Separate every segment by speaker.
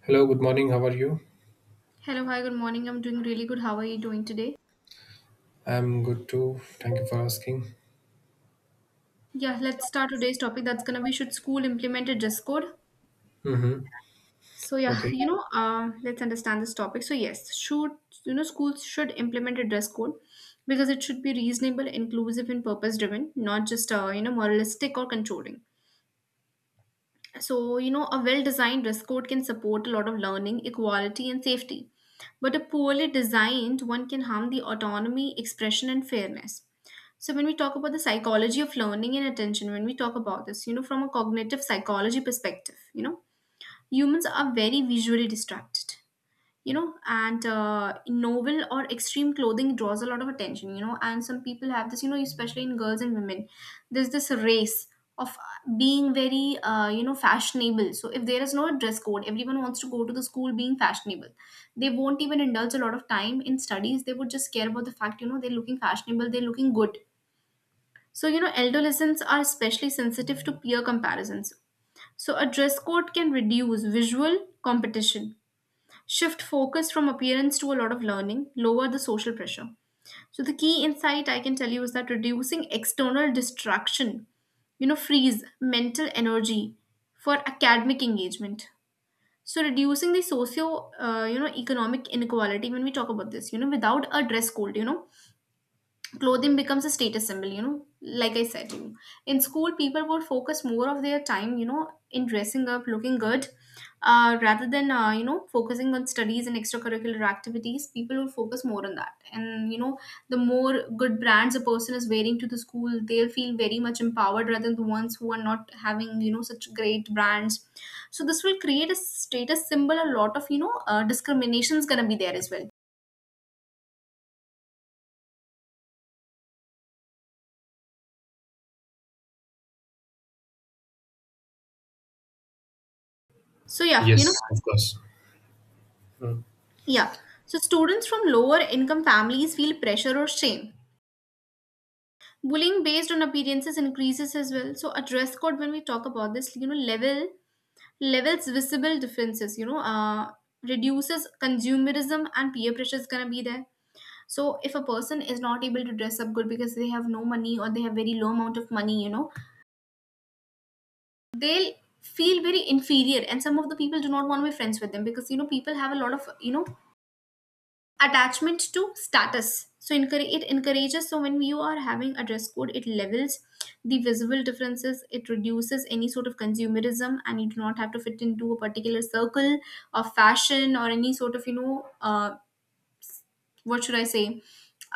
Speaker 1: Hello, good morning. How are you?
Speaker 2: Hello, hi, good morning. I'm doing really good. How are you doing today?
Speaker 1: I'm good too. Thank you for asking.
Speaker 2: Yeah, let's start today's topic. That's gonna be should school implement a dress code?
Speaker 1: Mm-hmm.
Speaker 2: So yeah,
Speaker 1: Okay.
Speaker 2: let's understand this topic. So yes, should schools should implement a dress code because it should be reasonable, inclusive, and purpose driven, not just moralistic or controlling. So, a well designed dress code can support a lot of learning, equality, and safety. But a poorly designed one can harm the autonomy, expression, and fairness. So, when we talk about the psychology of learning and attention, when we talk about this, from a cognitive psychology perspective, humans are very visually distracted, you know and novel or extreme clothing draws a lot of attention, and some people have this, especially in girls and women. There's this race of being very fashionable. So if there is no dress code, everyone wants to go to the school being fashionable. They won't even indulge a lot of time in studies. They would just care about the fact, they're looking fashionable, they're looking good. So adolescents are especially sensitive to peer comparisons. So a dress code can reduce visual competition, shift focus from appearance to a lot of learning, lower the social pressure. So the key insight I can tell you is that reducing external distraction, frees mental energy for academic engagement. So reducing the economic inequality, when we talk about this, without a dress code, clothing becomes a status symbol, like I said to in school, people would focus more of their time in dressing up, looking good, rather than focusing on studies and extracurricular activities. People would focus more on that, and the more good brands a person is wearing to the school, they'll feel very much empowered rather than the ones who are not having, such great brands. So this will create a status symbol. A lot of, discriminations gonna be there as well. So yeah,
Speaker 1: Yes, of course. Mm.
Speaker 2: yeah. So students from lower income families feel pressure or shame. Bullying based on appearances increases as well. So a dress code, when we talk about this, levels visible differences, reduces consumerism, and peer pressure is gonna be there. So if a person is not able to dress up good because they have no money or they have very low amount of money, they'll feel very inferior, and some of the people do not want to be friends with them because people have a lot of attachment to status. So encourage, it encourages, so when you are having a dress code, it levels the visible differences, it reduces any sort of consumerism, and you do not have to fit into a particular circle of fashion or any sort of, what should I say,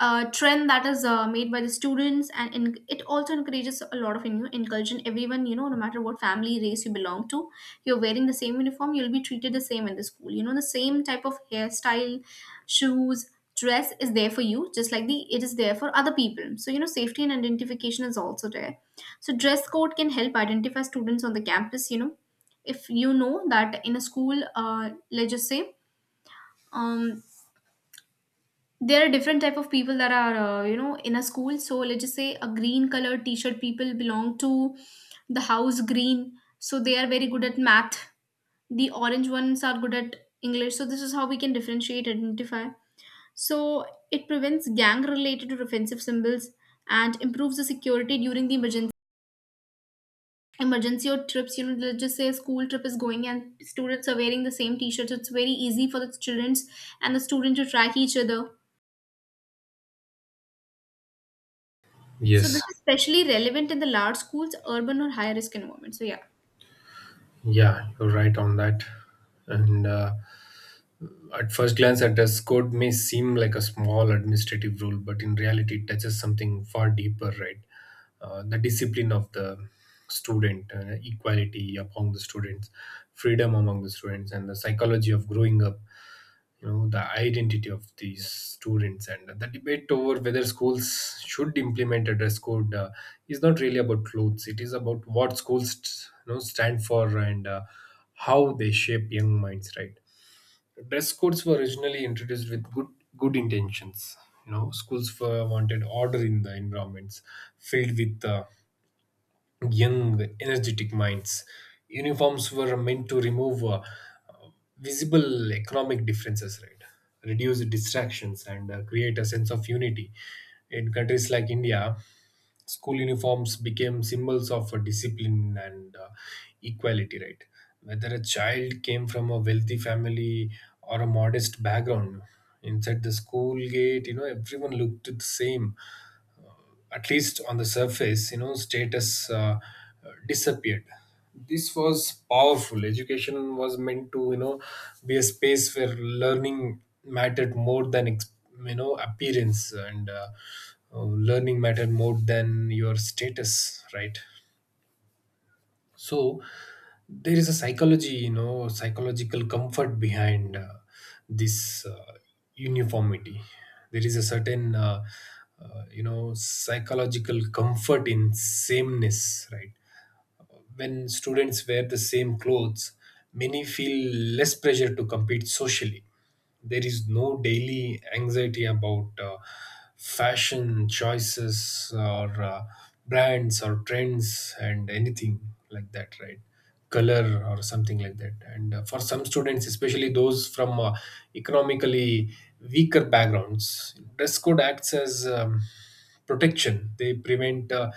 Speaker 2: trend that is made by the students, it also encourages a lot of, inclusion. Everyone, no matter what family race you belong to, you're wearing the same uniform, you'll be treated the same in the school. The same type of hairstyle, shoes, dress is there for you, just like the it is there for other people. So safety and identification is also there. So dress code can help identify students on the campus. If you know that in a school, let's just say. Um, there are different type of people that are, in a school. So let's just say a green colored t-shirt people belong to the house green, so they are very good at math. The orange ones are good at english. So this is how we can differentiate, identify. So it prevents gang related or offensive symbols and improves the security during the emergency or trips. Let's just say a school trip is going and students are wearing the same t-shirts, it's very easy for the students and the student to track each other. So this
Speaker 1: Yes.
Speaker 2: is especially relevant in the large schools, urban or high risk environments. So yeah.
Speaker 1: Yeah, you're right on that. And At first glance, a dress code may seem like a small administrative rule, but in reality, it touches something far deeper, right? The discipline of the student, equality among the students, freedom among the students, and the psychology of growing up. You know, the identity of these students, and the debate over whether schools should implement a dress code is not really about clothes. It is about what schools, you know, stand for, and how they shape young minds, right? Dress codes were originally introduced with good intentions. You know, schools were wanted order in the environments filled with young, energetic minds. Uniforms were meant to remove visible economic differences, right? Reduce distractions and create a sense of unity. In countries like India, school uniforms became symbols of discipline and equality, right? Whether a child came from a wealthy family or a modest background, inside the school gate, you know, everyone looked the same. At least on the surface, you know, status disappeared. This was powerful. Education was meant to, you know, be a space where learning mattered more than, you know, appearance, and learning mattered more than your status, right? So there is a psychology, you know, psychological comfort behind this uniformity. There is a certain you know, psychological comfort in sameness, right? When students wear the same clothes, many feel less pressure to compete socially. There is no daily anxiety about fashion choices or brands or trends and anything like that, right? Color or something like that. And for some students, especially those from economically weaker backgrounds, dress code acts as protection. They prevent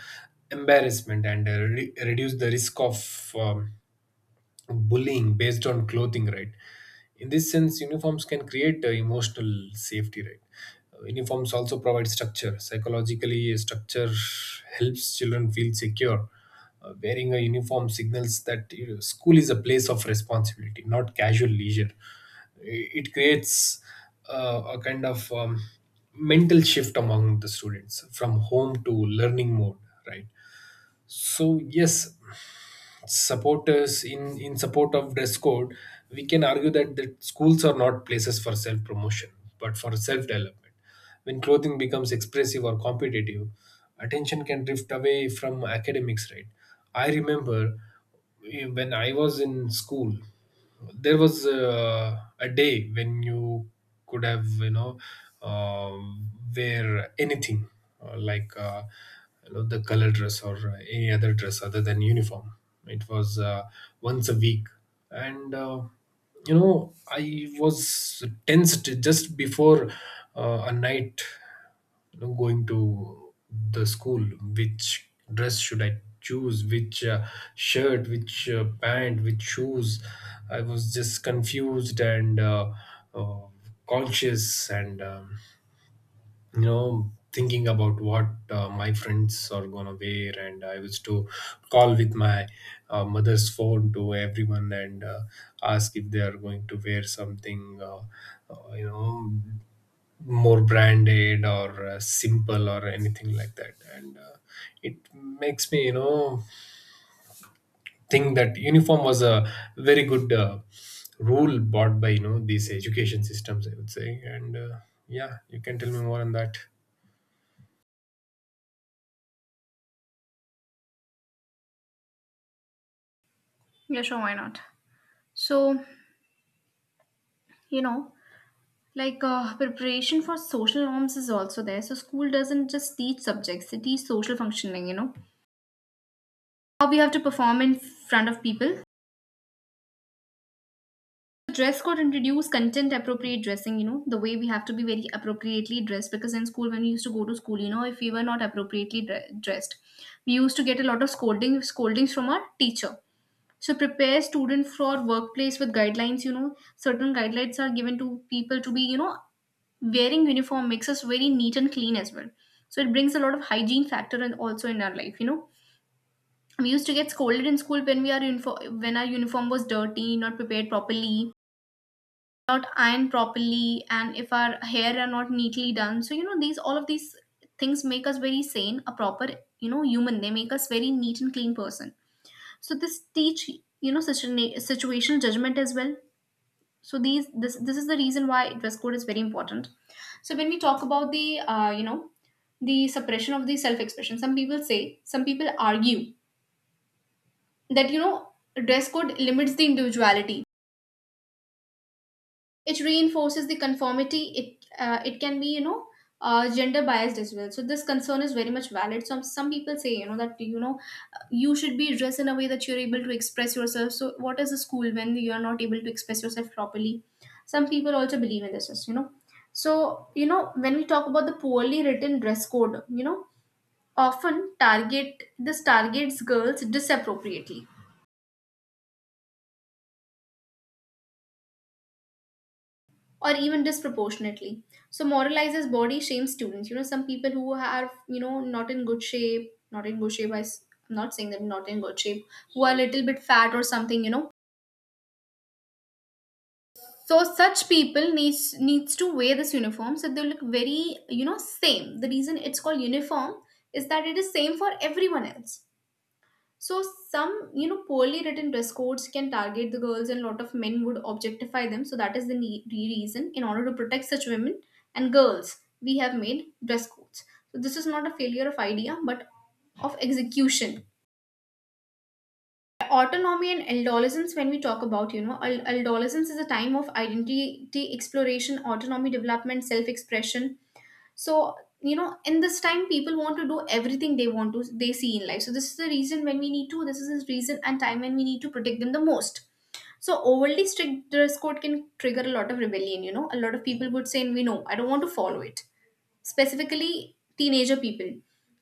Speaker 1: embarrassment and reduce the risk of bullying based on clothing, right? In this sense, uniforms can create emotional safety, right? Uniforms also provide structure. Psychologically, a structure helps children feel secure. Wearing a uniform signals that, you know, school is a place of responsibility, not casual leisure. It creates a kind of mental shift among the students from home to learning mode, right? So yes, supporters in support of dress code, we can argue that the schools are not places for self promotion, but for self development. When clothing becomes expressive or competitive, attention can drift away from academics, right? I remember, when I was in school, there was a day when you could have, you know, uh, wear anything, uh, like uh, you know, the color dress or any other dress other than uniform. It was once a week, and you know, I was tensed just before a night, you know, going to the school. Which dress should I choose? Which shirt, which pant, which shoes? I was just confused and uh, conscious, and you know, thinking about what my friends are gonna wear, and I used to call with my mother's phone to everyone and ask if they are going to wear something you know, more branded or simple or anything like that. And it makes me, you know, think that uniform was a very good rule bought by, you know, these education systems, I would say. And yeah, you can tell me more on that.
Speaker 2: Yeah, sure, why not? So, you know, preparation for social norms is also there. So, school doesn't just teach subjects, it teaches social functioning, how we have to perform in front of people. Dress code introduce content appropriate dressing, the way we have to be very appropriately dressed because in school, when we used to go to school, if we were not appropriately dressed, we used to get a lot of scolding, scoldings from our teacher. So prepare students for workplace with guidelines. Certain guidelines are given to people to be, wearing uniform makes us very neat and clean as well. So it brings a lot of hygiene factor and also in our life, we used to get scolded in school when we are uniform, when our uniform was dirty, not prepared properly, not ironed properly, and if our hair are not neatly done. So these, all of these things make us very sane, a proper, human, they make us very neat and clean person. So this teach, situational judgment as well. So these this this is the reason why dress code is very important. So when we talk about the the suppression of the self expression, some people say, some people argue that dress code limits the individuality, it reinforces the conformity, it can be, gender biased as well. So this concern is very much valid. Some people say, that you should be dressed in a way that you're able to express yourself. So what is a school when you are not able to express yourself properly? Some people also believe in this, so when we talk about the poorly written dress code, often target this targets girls disappropriately or even disproportionately. So moralizes body shame students. You know, some people who are, not in good shape, not in good shape, I'm not saying them not in good shape, who are a little bit fat or something, you know. So such people needs to wear this uniform so they look very, same. The reason it's called uniform is that it is same for everyone else. So some, poorly written dress codes can target the girls, and a lot of men would objectify them. So that is the reason. In order to protect such women and girls, we have made dress codes. So this is not a failure of idea, but of execution. Autonomy and adolescence, when we talk about, adolescence is a time of identity exploration, autonomy development, self expression. So in this time people want to do everything they want to, they see in life. So this is the reason when we need to, this is the reason and time when we need to protect them the most. So overly strict dress code can trigger a lot of rebellion. A lot of people would say, we know I don't want to follow it, specifically teenager people.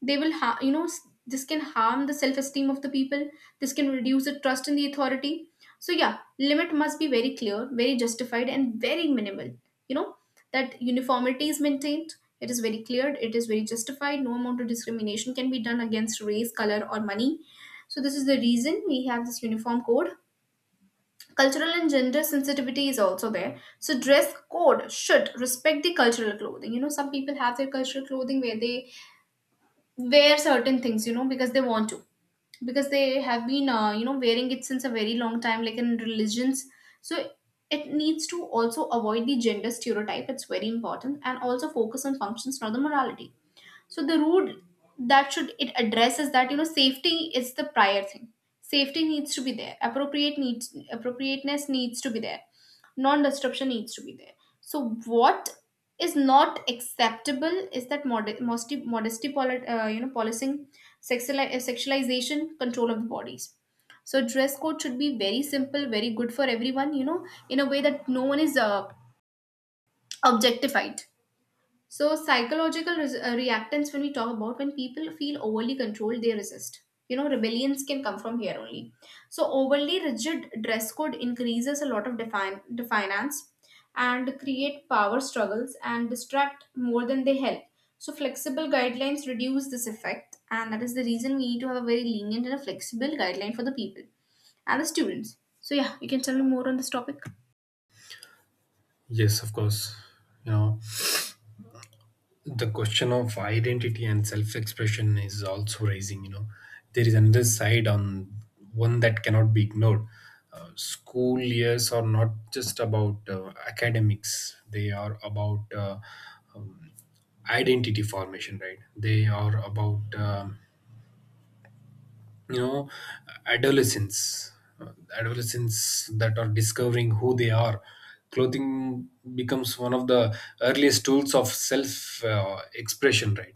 Speaker 2: They will this can harm the self esteem of the people, this can reduce the trust in the authority. So yeah, limit must be very clear, very justified, and very minimal, you know that uniformity is maintained, it is very clear, it is very justified, no amount of discrimination can be done against race, color, or money. So this is the reason we have this uniform code. Cultural and gender sensitivity is also there. So dress code should respect the cultural clothing. You know, some people have their cultural clothing where they wear certain things, because they want to, because they have been, wearing it since a very long time, like in religions. So it needs to also avoid the gender stereotype. It's very important, and also focus on functions, not the morality. So the road that should it addresses that, safety is the prior thing. Safety needs to be there. Appropriate needs, appropriateness needs to be there. Non-disruption needs to be there. So what is not acceptable is that modesty, modesty policing, sexualization, control of the bodies. So dress code should be very simple, very good for everyone. You know, in a way that no one is objectified. So, reactants, when we talk about when people feel overly controlled, they resist. You know, rebellions can come from here only. So, overly rigid dress code increases a lot of defiance and create power struggles and distract more than they help. So, flexible guidelines reduce this effect, and that is the reason we need to have a very lenient and a flexible guideline for the people and the students. So, yeah, you can tell me more on this topic.
Speaker 1: Yes, of course. You know, the question of identity and self expression is also raising. You know, there is another side, on one that cannot be ignored. School years are not just about academics, they are about um, identity formation, right? They are about, you know, adolescents, uh, adolescents that are discovering who they are. Clothing becomes one of the earliest tools of self expression, right?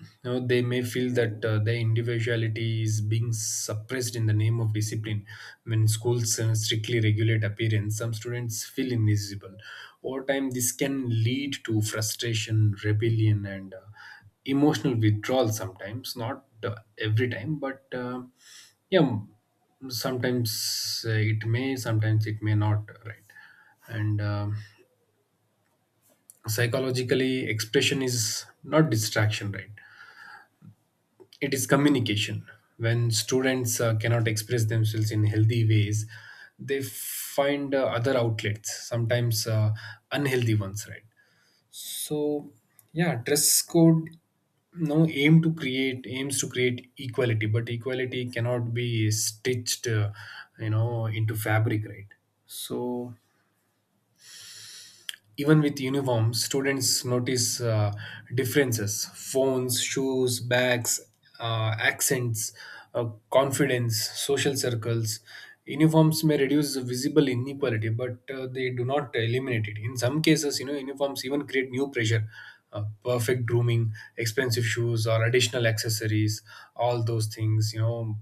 Speaker 1: You know, they may feel that their individuality is being suppressed in the name of discipline. When schools strictly regulate appearance, some students feel invisible. Over time, this can lead to frustration, rebellion, and emotional withdrawal sometimes, not every time, but yeah, sometimes it may, sometimes it may not, right? And psychologically, expression is not distraction, right? It is communication. When students cannot express themselves in healthy ways, they find other outlets, sometimes unhealthy ones, right? So yeah, dress code no aim to create, aims to create equality, but equality cannot be stitched you know, into fabric, right? So even with uniforms, students notice differences. Phones, shoes, bags, accents, confidence, social circles. Uniforms may reduce the visible inequality, but they do not eliminate it. In some cases, you know, uniforms even create new pressure. Perfect grooming, expensive shoes, or additional accessories, all those things, you know,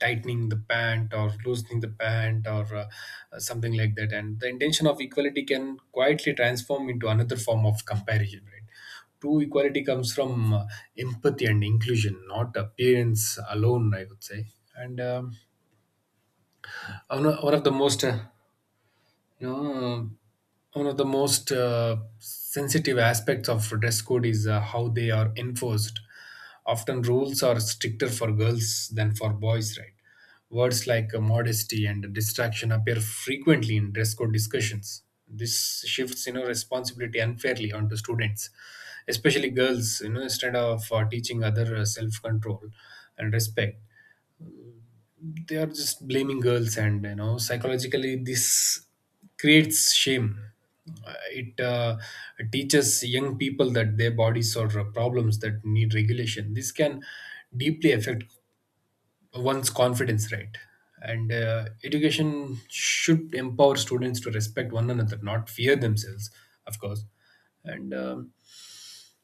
Speaker 1: tightening the pant or loosening the pant or something like that. And the intention of equality can quietly transform into another form of comparison, right? True equality comes from empathy and inclusion, not appearance alone, I would say. And um, one of the most you know, one of the most sensitive aspects of dress code is how they are enforced. Often rules are stricter for girls than for boys, right? Words like modesty and distraction appear frequently in dress code discussions. This shifts, you know, responsibility unfairly onto students, especially girls, you know, instead of teaching other self control and respect, they are just blaming girls. And you know, psychologically, this creates shame. It teaches young people that their bodies are problems that need regulation. This can deeply affect one's confidence, right? And education should empower students to respect one another, not fear themselves. Of course. And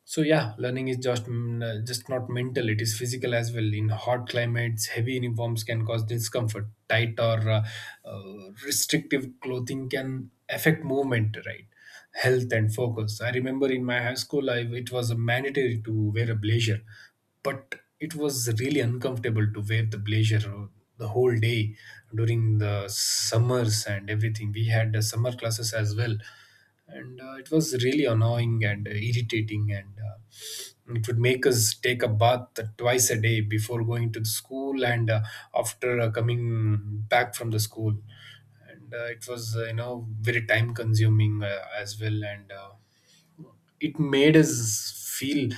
Speaker 1: so yeah, learning is just just not mental; it is physical as well. In hot climates, heavy uniforms can cause discomfort. Tight or restrictive clothing can affect movement, right? Health and focus. I remember in my high school, I, it was mandatory to wear a blazer, but it was really uncomfortable to wear the blazer the whole day during the summers and everything. We had summer classes as well, and it was really annoying and irritating, and it would make us take a bath twice a day before going to the school and after coming back from the school, and it was you know, very time consuming as well. And it made us feel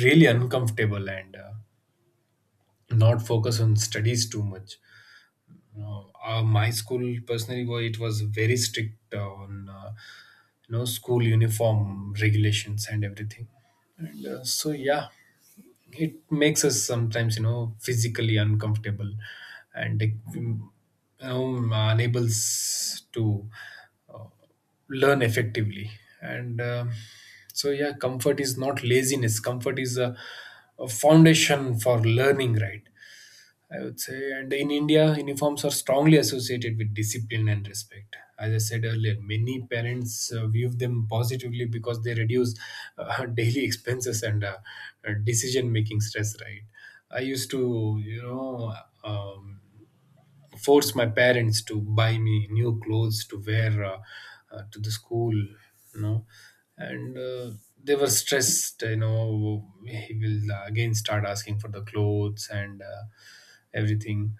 Speaker 1: really uncomfortable, and not focus on studies too much. No, my school personally it was very strict on you know, school uniform regulations and everything. And so yeah, it makes us sometimes, you know, physically uncomfortable, and it, you know, enables to learn effectively. And so yeah, comfort is not laziness. Comfort is a foundation for learning, right? I would say. And in India, uniforms are strongly associated with discipline and respect. As I said earlier, many parents view them positively because they reduce daily expenses and decision making stress, right? I used to, you know, um, forced my parents to buy me new clothes to wear to the school, you know. And they were stressed, you know, he will again start asking for the clothes and everything.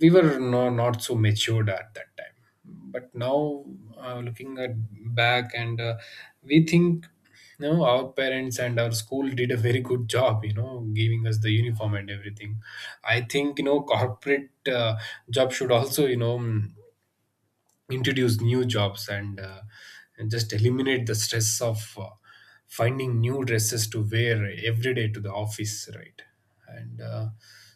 Speaker 1: We were no, not so matured at that time. But now looking at back, and we think no, our parents and our school did a very good job, you know, giving us the uniform and everything. I think, you know, corporate uh, job should also, you know, introduce new jobs, and just eliminate the stress of finding new dresses to wear every day to the office, right? And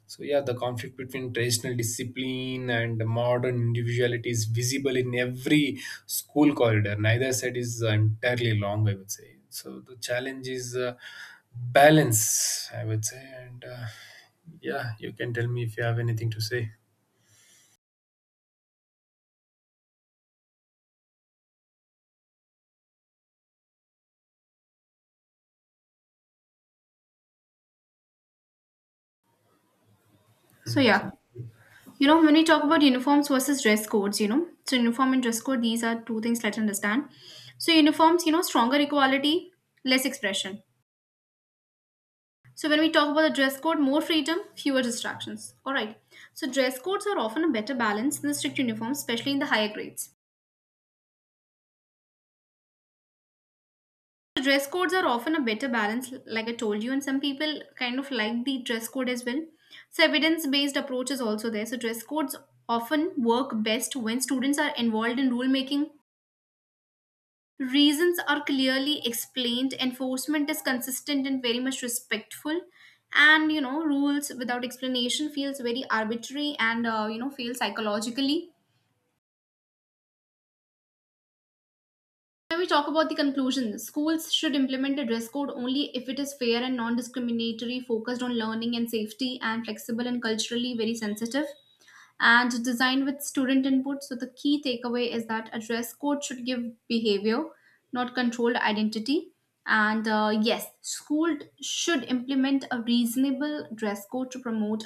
Speaker 1: so yeah, the conflict between traditional discipline and modern individuality is visible in every school corridor. Neither side is entirely long, I would say. So the challenge is balance, I would say. And yeah, you can tell me if you have anything to say.
Speaker 2: So, yeah.
Speaker 1: Mm,
Speaker 2: You know, when we talk about uniforms versus dress codes, you know, so uniform and dress code, these are two things, let's understand. So, uniforms, you know, stronger equality, less expression. So, when we talk about the dress code, more freedom, fewer distractions. All right. So, dress codes are often a better balance than strict uniforms, especially in the higher grades. So, dress codes are often a better balance, like I told you, and some people kind of like the dress code as well. So, evidence based approach is also there. So, dress codes often work best when students are involved in rule making. Reasons are clearly explained, enforcement is consistent and very much respectful, and you know, rules without explanation feels very arbitrary and you know, feels psychologically. When we talk about the conclusion, schools should implement a dress code only if it is fair and non discriminatory, focused on learning and safety, and flexible and culturally very sensitive, and designed with student input. So the key takeaway is that a dress code should give behavior, not controlled identity. And yes, school should implement a reasonable dress code to promote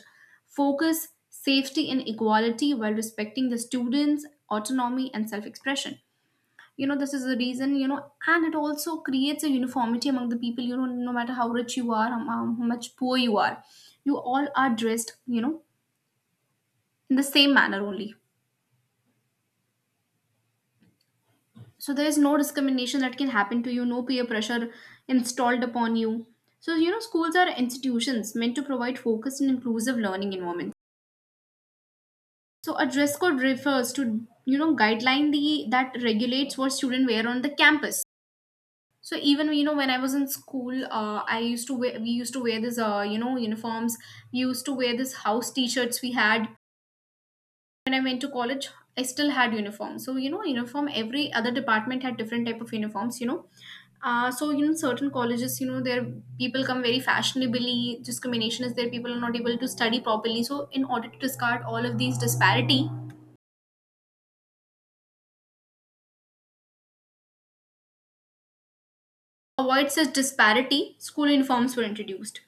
Speaker 2: focus, safety, and equality while respecting the students' autonomy and self-expression. You know, this is the reason, you know, and it also creates a uniformity among the people, you know, no matter how rich you are, how much poor you are, you all are dressed, you know, in the same manner only. So there is no discrimination that can happen to you, no peer pressure installed upon you. So you know, schools are institutions meant to provide focused and inclusive learning environments. So a dress code refers to, you know, guideline the that regulates what students wear on the campus. So even you know, when I was in school, I used to wear we used to wear this you know, uniforms. We used to wear this house t-shirts we had. When I went to college, I still had uniform. So you know, uniform. Every other department had different type of uniforms. You know, so you know, certain colleges, you know, their people come very fashionably. Discrimination is there. People are not able to study properly. So in order to discard all of these disparity, avoid such disparity, school uniforms were introduced.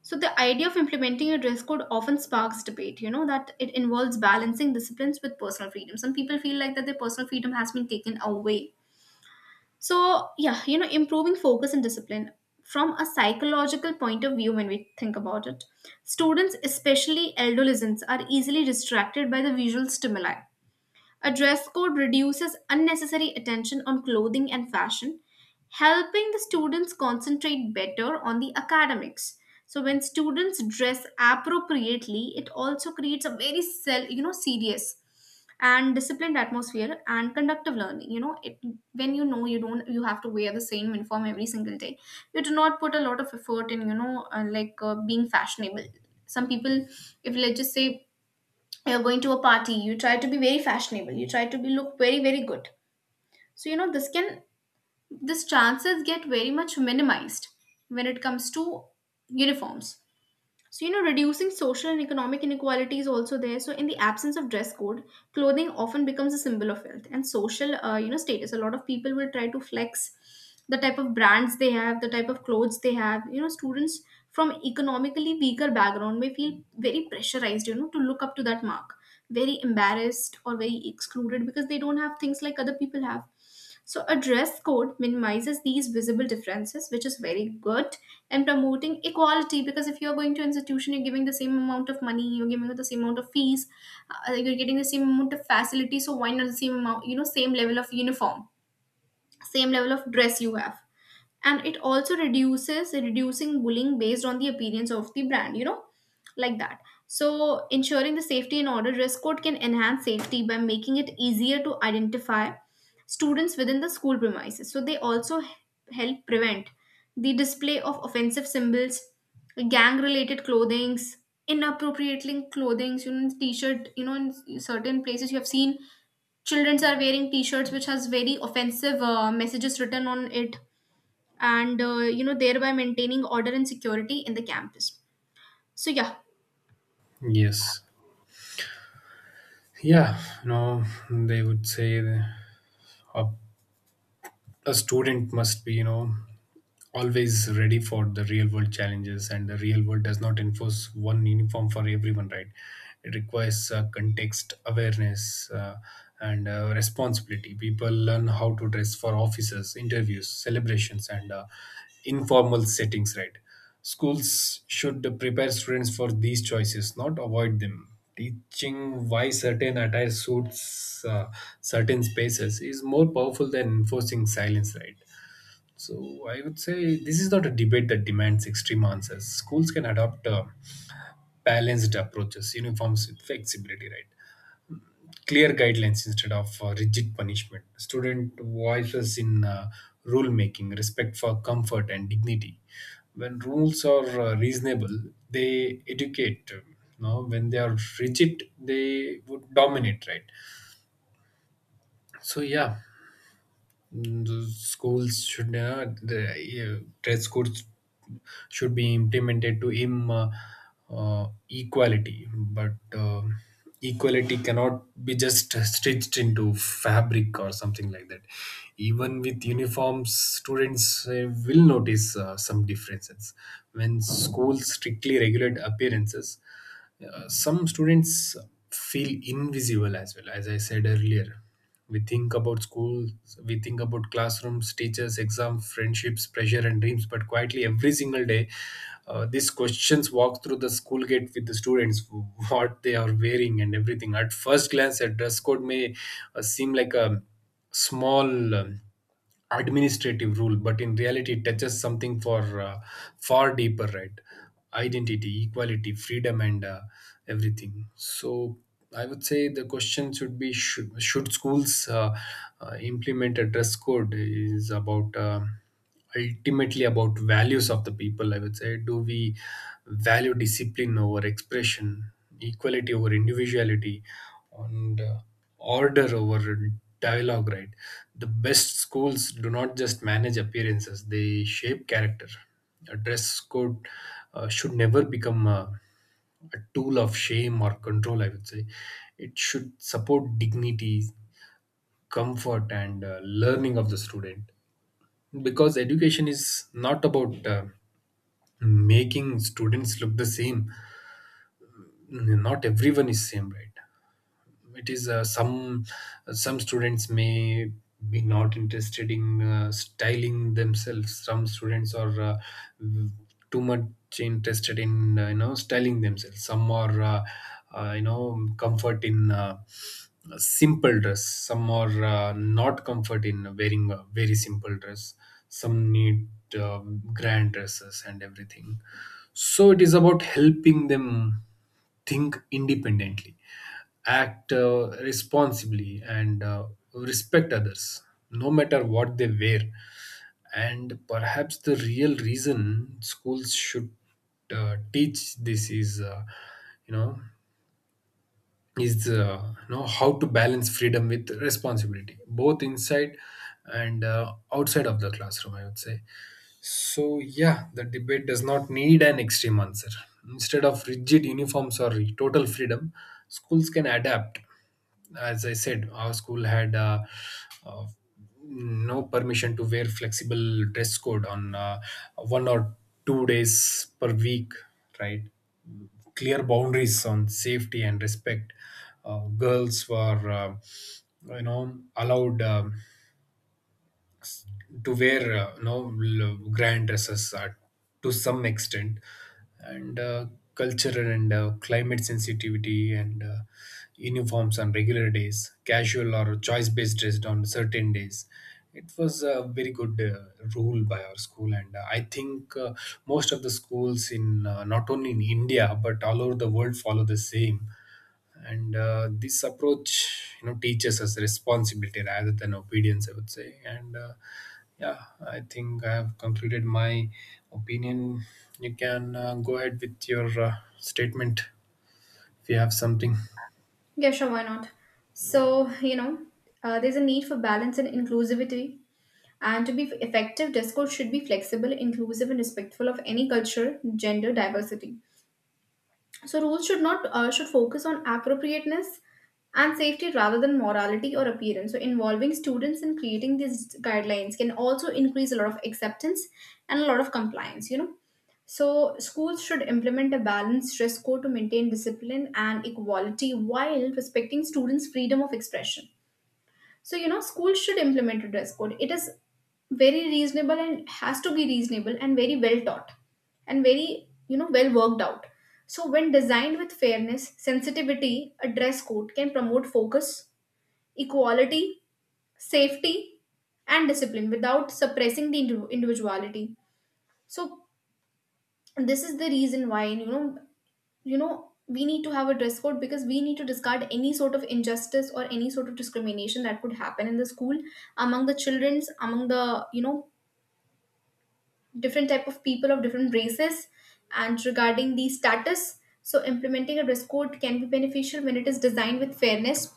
Speaker 2: So the idea of implementing a dress code often sparks debate, you know, that it involves balancing disciplines with personal freedom. Some people feel like that their personal freedom has been taken away. So, yeah, you know, improving focus and discipline from a psychological point of view when we think about it. Students, especially adolescents, are easily distracted by the visual stimuli. A dress code reduces unnecessary attention on clothing and fashion, helping the students concentrate better on the academics. So when students dress appropriately, it also creates a very self, you know, serious and disciplined atmosphere and conductive learning. You know, it when you know you don't, you have to wear the same uniform every single day. You do not put a lot of effort in, you know, being fashionable. Some people, if let's just say you're going to a party, you try to be very fashionable, you try to be look very very good. So you know, this chances get very much minimized when it comes to uniforms. So, you know, reducing social and economic inequality is also there. So, in the absence of dress code, clothing often becomes a symbol of wealth and social, you know, status. A lot of people will try to flex the type of brands they have, the type of clothes they have. You know, students from economically weaker background may feel very pressurized, you know, to look up to that mark, very embarrassed or very excluded because they don't have things like other people have. So a dress code minimizes these visible differences, which is very good, and promoting equality because if you're going to institution, you're giving the same amount of money, you're giving the same amount of fees, like you're getting the same amount of facility. So why not the same amount, you know, same level of uniform, same level of dress you have. And it also reduces reducing bullying based on the appearance of the brand, you know, like that. So ensuring the safety in order, dress code can enhance safety by making it easier to identify students within the school premises. So they also help prevent the display of offensive symbols, gang related clothings, inappropriately clothings. You know, t-shirt, you know, in certain places you have seen children are wearing t-shirts which has very offensive messages written on it, and you know, thereby maintaining order and security in the campus. So yeah.
Speaker 1: yes. Yeah, you know, they would say a, a student must be, you know, always ready for the real world challenges, and the real world does not enforce one uniform for everyone, right? It requires context awareness, and responsibility. People learn how to dress for offices, interviews, celebrations, and informal settings, right? Schools should prepare students for these choices, not avoid them. Teaching why certain attire suits certain spaces is more powerful than enforcing silence, right? So I would say this is not a debate that demands extreme answers. Schools can adopt balanced approaches, uniforms with flexibility, right? Clear guidelines instead of rigid punishment. Student voices in rule making, respect for comfort and dignity. When rules are reasonable, they educate. When they are rigid, they would dominate, right? So yeah, the schools should the dress codes should be implemented to im equality, but equality cannot be just stitched into fabric or something like that. Even with uniforms, students will notice some differences. When schools strictly regulate appearances, some students feel invisible as well, as I said earlier. We think about school, we think about classrooms, teachers, exams, friendships, pressure, and dreams, but quietly every single day, these questions walk through the school gate with the students, what they are wearing, and everything. At first glance, a dress code may seem like a small, administrative rule, but in reality, it touches something for far deeper, right? Identity, equality, freedom, and everything. So, I would say the question should be: Should schools implement a dress code? Is about ultimately about values of the people. I would say, do we value discipline over expression, equality over individuality, on the order over dialogue, right? The best schools do not just manage appearances, they shape character. A dress code should never become a tool of shame or control, I would say. It should support dignity, comfort, and learning of the student, because education is not about making students look the same. Not everyone is same, right? It is some students may be not interested in styling themselves, some students are v- too much interested in styling themselves, some are comfort in simple dress, some are not comfort in wearing a very simple dress, some need uh, grand dresses and everything. So it is about helping them think independently, act responsibly, and respect others, no matter what they wear. And perhaps the real reason schools should teach this is, you know, how to balance freedom with responsibility, both inside and outside of the classroom, I would say. So, yeah, the debate does not need an extreme answer. Instead of rigid uniforms or total freedom, schools can adapt. As I said, our school had uh, no permission to wear flexible dress code on 1 or 2 days per week, right? Clear boundaries on safety and respect. Girls were, allowed, to wear, grand dresses are to some extent, and cultural and climate sensitivity, and uniforms on regular days, casual or choice based dressed on certain days. It was a very good rule by our school, and I think most of the schools in not only in India but all over the world follow the same. And this approach, you know, teaches us responsibility rather than obedience, I would say. And yeah, I think I have concluded my opinion. You can go ahead with your statement if you have something.
Speaker 2: Yeah, sure, why not? So, you know, there's a need for balance and inclusivity. And to be effective, discourse should be flexible, inclusive, and respectful of any culture, gender, diversity. So rules should not should focus on appropriateness and safety rather than morality or appearance. So involving students in creating these guidelines can also increase a lot of acceptance and a lot of compliance. You know. So, schools should implement a balanced dress code to maintain discipline and equality while respecting students' freedom of expression. So, you know, schools should implement a dress code. It is very reasonable and has to be reasonable and very well taught and very, you know, well worked out. So, when designed with fairness, sensitivity, a dress code can promote focus, equality, safety, and discipline without suppressing the individuality. So, this is the reason why, you know we need to have a dress code because we need to discard any sort of injustice or any sort of discrimination that could happen in the school among the children's, among the you know, different type of people of different races and regarding the status. So implementing a dress code can be beneficial when it is designed with fairness,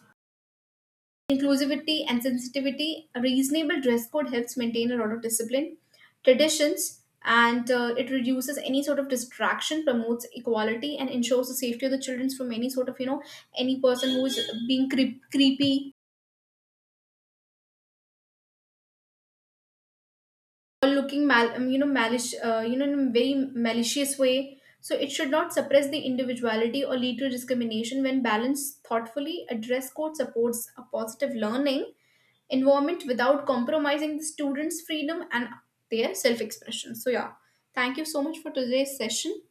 Speaker 2: inclusivity and sensitivity. A reasonable dress code helps maintain a lot of discipline, traditions, and it reduces any sort of distraction, promotes equality, and ensures the safety of the children from any sort of you know, any person who is being creepy or looking mal you know, malish you know, in a very malicious way. So it should not suppress the individuality or lead to discrimination. When balanced thoughtfully, a dress code supports a positive learning environment without compromising the students freedom and their self expression. So yeah, thank you so much for today's session.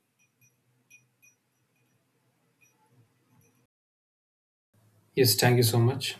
Speaker 1: Yes, thank you so much.